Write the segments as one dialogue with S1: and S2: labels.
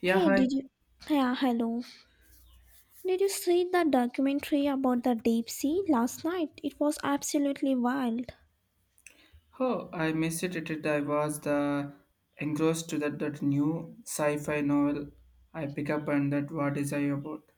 S1: Yeah,
S2: Hey,
S1: hi.
S2: did you? Yeah, hello. Did you see that documentary about the deep sea last night? It was absolutely wild.
S1: Oh, I missed it. I was the engrossed to that new sci-fi novel I pick up and that what is I about.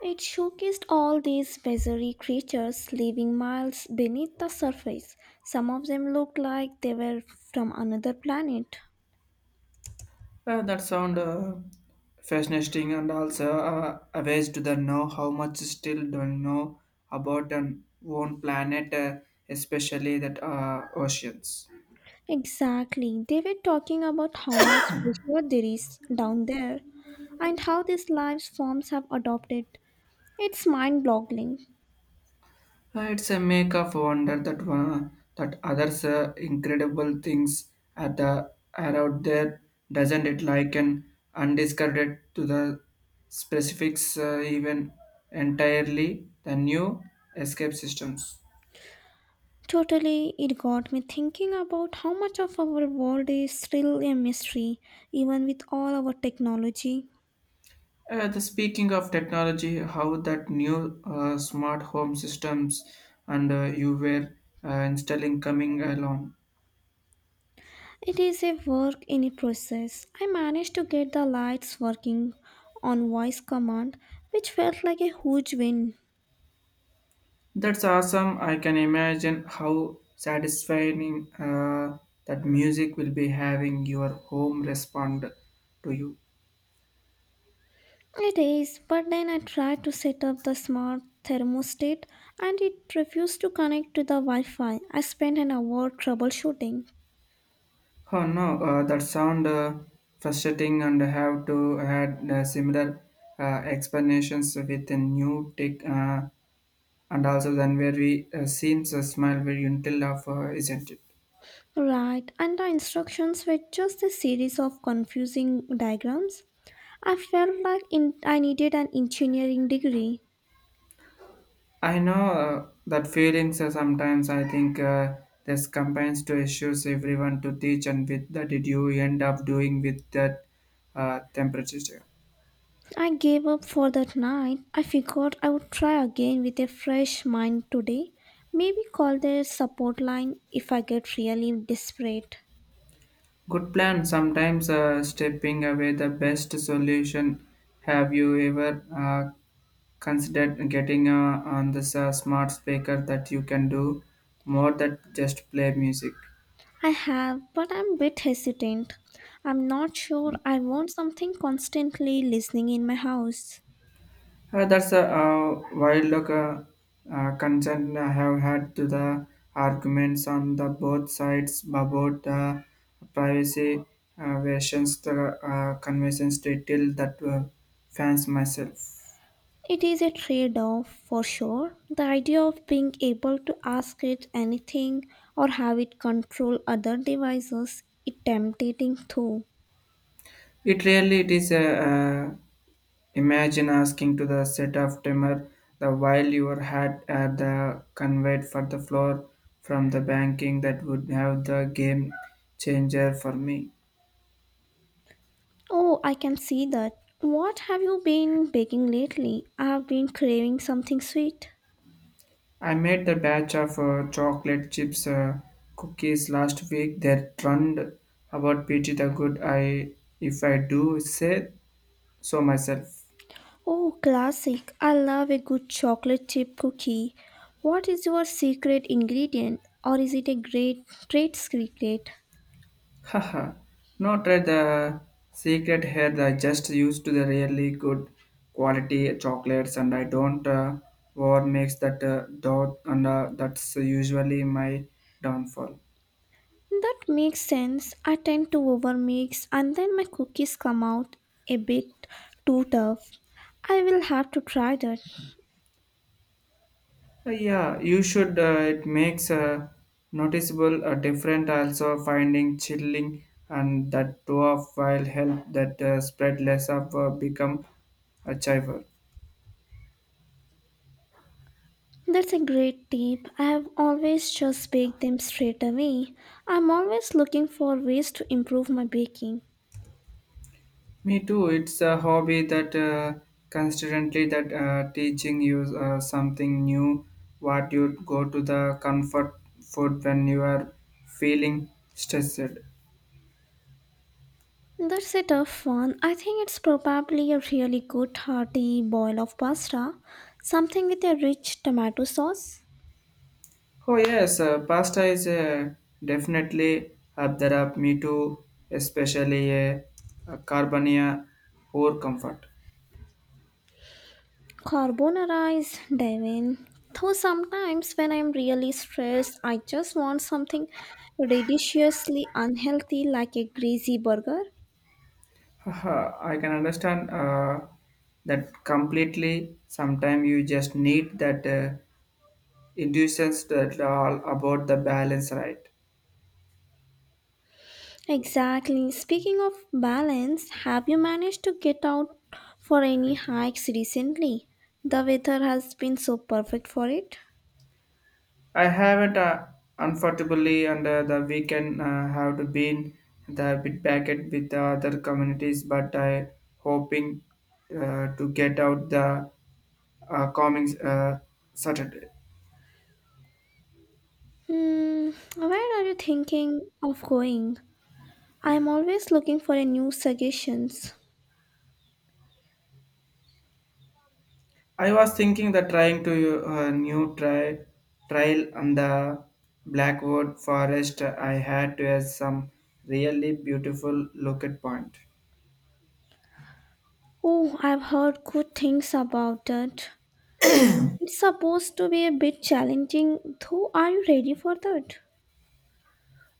S2: It showcased all these bizarre creatures living miles beneath the surface. Some of them looked like they were from another planet.
S1: That sound fascinating and also amazed to the know how much still don't know about an own planet, especially that oceans.
S2: Exactly. They were talking about how much pressure there is down there and how these life forms have adopted. It's mind boggling.
S1: It's a make of wonder that one, that others incredible things at the are out there, doesn't it? Like an undiscarded to the specifics, even entirely the new escape systems.
S2: Totally, it got me thinking about how much of our world is still a mystery, even with all our technology.
S1: The speaking of technology, how that new smart home systems and you were installing coming along.
S2: It is a work in a process. I managed to get the lights working on voice command, which felt like a huge win.
S1: That's awesome. I can imagine how satisfying that music will be having your home respond to you.
S2: It is, but then I tried to set up the smart thermostat and it refused to connect to the Wi Fi. I spent an hour troubleshooting.
S1: Oh no, that sound frustrating and have to had similar explanations with a new tech and also then where we seen a smile very until of isn't it?
S2: Right, and the instructions were just a series of confusing diagrams. I felt like in, I needed an engineering degree.
S1: I know that feelings sometimes I think this combines to issues everyone to teach and with that did you end up doing with that temperature.
S2: I gave up for that night. I figured I would try again with a fresh mind today. Maybe call their support line if I get really desperate.
S1: Good plan. Sometimes stepping away the best solution. Have you ever considered getting on this smart speaker that you can do more than just play music?
S2: I have, but I'm a bit hesitant. I'm not sure I want something constantly listening in my house.
S1: That's a wild look, concern I have had to the arguments on the both sides about the privacy versions the conventions detail that fans myself.
S2: It is a trade off for sure. The idea of being able to ask it anything or have it control other devices is tempting too.
S1: It really it is a imagine asking to the set of timer the while your had at the conveyed for the floor from the banking that would have the game changer for me.
S2: Oh, I can see that. What have you been baking lately? I have been craving something sweet.
S1: I made the batch of chocolate chips cookies last week that turned about pretty the good I if I do say so myself.
S2: Oh, classic. I love a good chocolate chip cookie. What is your secret ingredient or is it a great trade secret?
S1: Haha. Not at the secret here I just used to the really good quality chocolates and I don't war makes that doubt and that's usually my downfall.
S2: That makes sense. I tend to overmix and then my cookies come out a bit too tough. I will have to try that.
S1: Yeah, you should. It makes a noticeable a different also finding chilling and that dwarf while help that spread less of become a chiver.
S2: That's a great tip. I have always just baked them straight away. I'm always looking for ways to improve my baking.
S1: Me too. It's a hobby that constantly that teaching you something new. What you go to the comfort food when you are feeling stressed.
S2: That's a tough one. I think it's probably a really good hearty boil of pasta, something with a rich tomato sauce.
S1: Oh yes, pasta is definitely up there up me too, especially carbonia poor comfort.
S2: Carbonara is divine. Though sometimes when I'm really stressed, I just want something deliciously unhealthy like a greasy burger.
S1: Haha, I can understand that completely. Sometimes you just need that inducence that all about the balance, right?
S2: Exactly. Speaking of balance, have you managed to get out for any hikes recently? The weather has been so perfect for it.
S1: I haven't unfortunately under the weekend have to been the bit back packet with the other communities, but I hoping to get out the coming Saturday.
S2: Hmm, where are you thinking of going? I'm always looking for a new suggestions.
S1: I was thinking that trying to new try trial on the Blackwood Forest. I had to have some really beautiful looking point.
S2: Oh, I've heard good things about that. Mm, it's supposed to be a bit challenging, though. Are you ready for that?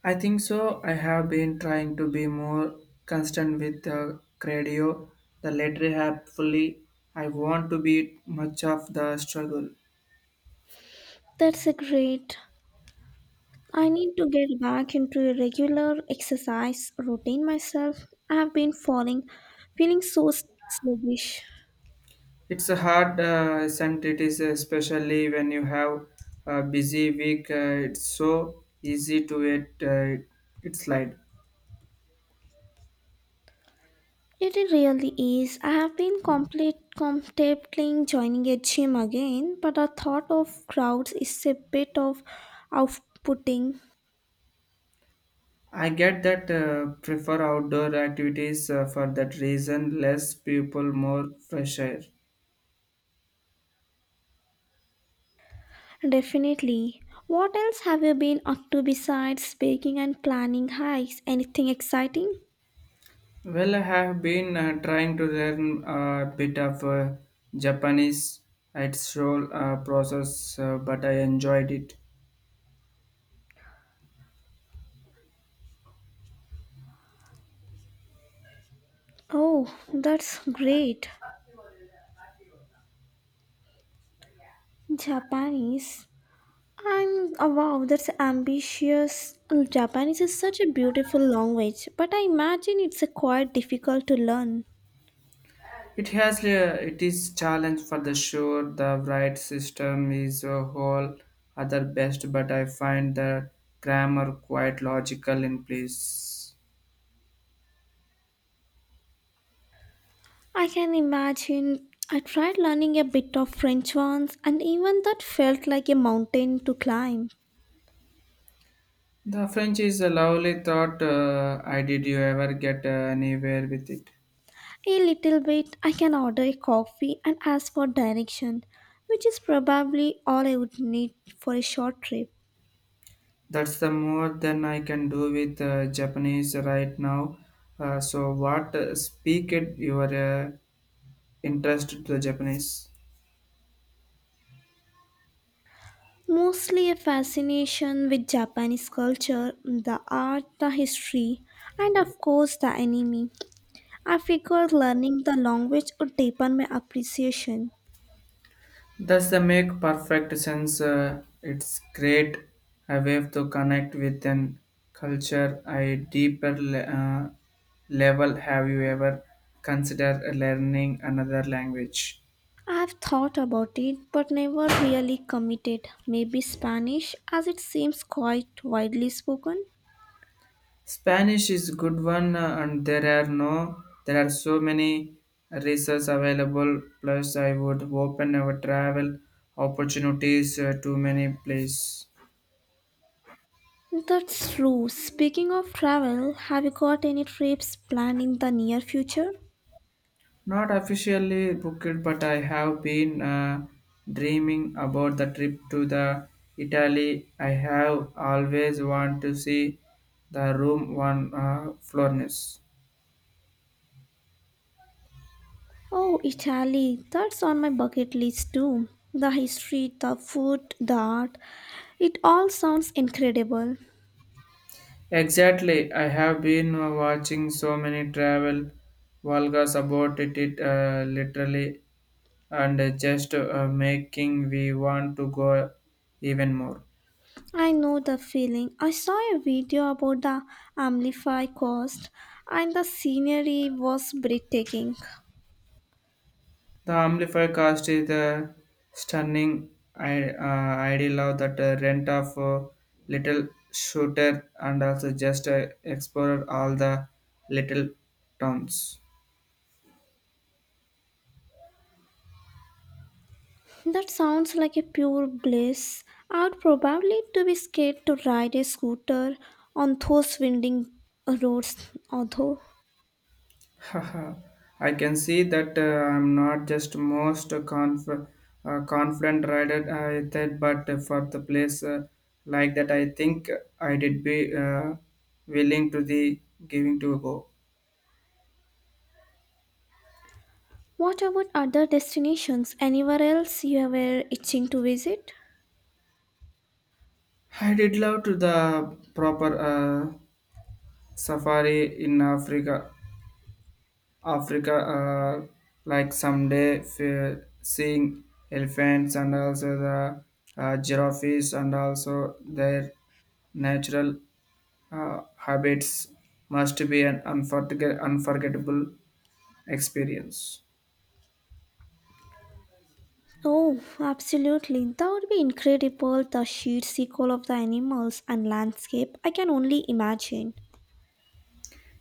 S1: I think so. I have been trying to be more constant with the credio. The latter hopefully, I want to be much of the struggle.
S2: That's a great. I need to get back into a regular exercise routine myself. I've been falling, feeling so sluggish.
S1: It's a hard, isn't it? Is especially when you have a busy week. It's so easy to it. It slide.
S2: It really is. I have been complete contemplating joining a gym again, but the thought of crowds is a bit of outputting.
S1: I get that. Prefer outdoor activities for that reason. Less people, more fresh air.
S2: Definitely. What else have you been up to besides baking and planning hikes? Anything exciting?
S1: Well, I have been trying to learn a bit of Japanese. It's slow process, but I enjoyed it.
S2: Oh, that's great. Japanese. I'm oh wow, that's ambitious. Japanese is such a beautiful language, but I imagine it's quite difficult to learn.
S1: It has it is challenge for the sure. The right system is a whole other best, but I find the grammar quite logical in place.
S2: I can imagine I tried learning a bit of French once, and even that felt like a mountain to climb.
S1: The French is a lovely thought. I did you ever get anywhere with it?
S2: A little bit, I can order a coffee and ask for direction, which is probably all I would need for a short trip.
S1: That's the more than I can do with Japanese right now. So what speak it your interest to the Japanese?
S2: Mostly a fascination with Japanese culture, the art, the history, and of course the anime. I figured learning the language would deepen my appreciation.
S1: Does the make perfect sense? It's great a way to connect with an culture a deeper level. Have you ever considered learning another language?
S2: I have thought about it but never really committed. Maybe Spanish, as it seems quite widely spoken.
S1: Spanish is good one, and there are no there are so many resources available. Plus, I would open our travel opportunities to many places.
S2: That's true. Speaking of travel, have you got any trips planning the near future?
S1: Not officially booked, but I have been dreaming about the trip to the Italy. I have always want to see the room one Florence.
S2: Oh, Italy. That's on my bucket list too. The history, the food, the art. It all sounds incredible.
S1: Exactly, I have been watching so many travel vlogs about it, literally, and just making we want to go even more.
S2: I know the feeling. I saw a video about the Amplify Coast and the scenery was breathtaking.
S1: The amplifier cost is the stunning ideal of that rent of little shooter and also just explore all the little towns.
S2: That sounds like a pure bliss. I'd probably to be scared to ride a scooter on those winding roads, although.
S1: Haha, I can see that I'm not just most confident rider I did, but for the place like that, I think I did be willing to the giving to a go.
S2: What about other destinations? Anywhere else you were itching to visit?
S1: I did love to the proper safari in Africa, like someday seeing elephants and also the giraffes and also their natural habits must be an unforgettable experience.
S2: Oh, absolutely. That would be incredible. The sheer sequel of the animals and landscape. I can only imagine.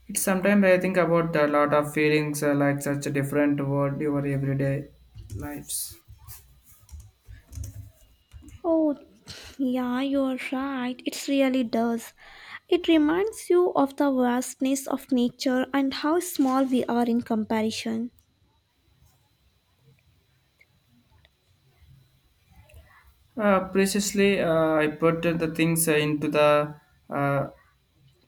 S1: It's sometimes I think about a lot of feelings like such a different world your everyday lives.
S2: Oh, yeah, you're right. It really does. It reminds you of the vastness of nature and how small we are in comparison.
S1: Preciously, I put the things into the uh,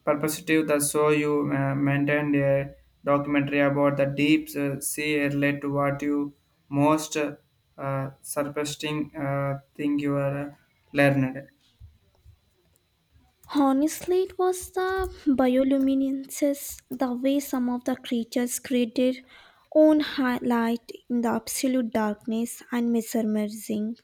S1: perspective, the show you maintained a documentary about the deep sea led to what you most surprising thing you are learned.
S2: Honestly, it was the bioluminescence, the way some of the creatures created own highlight in the absolute darkness and mesmerizing.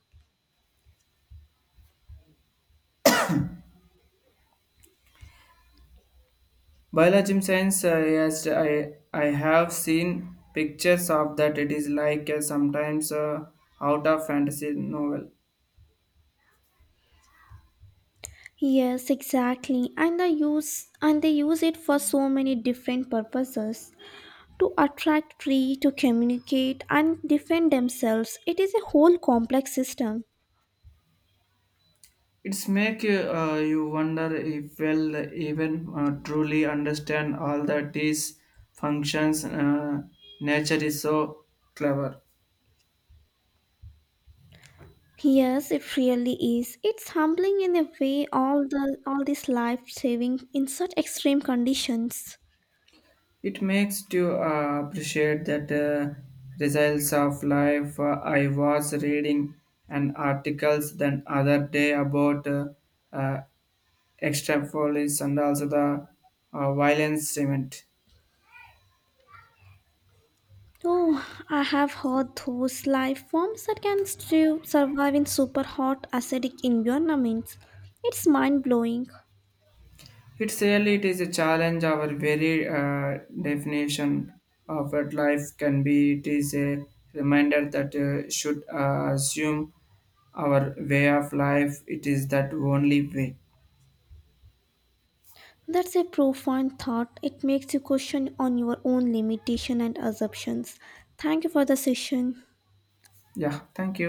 S1: Biology science, yes, I have seen pictures of that. It is like sometimes out of fantasy novel.
S2: Yes, exactly. And they use it for so many different purposes. To attract, tree, to communicate, and defend themselves. It is a whole complex system.
S1: It's make you wonder if well even truly understand all that these functions. Nature is so clever.
S2: Yes, it really is. It's humbling in a way all the all this life saving in such extreme conditions.
S1: It makes you appreciate that results of life. I was reading an articles the other day about uh, extrapolis and also the violence cement.
S2: Oh, I have heard those life forms that can still survive in super hot acidic environments. It's mind blowing.
S1: It's really it is a challenge. Our very definition of what life can be. It is a reminder that should assume our way of life. It is that only way.
S2: That's a profound thought. It makes you question on your own limitation and assumptions. Thank you for the session.
S1: Yeah. Thank you.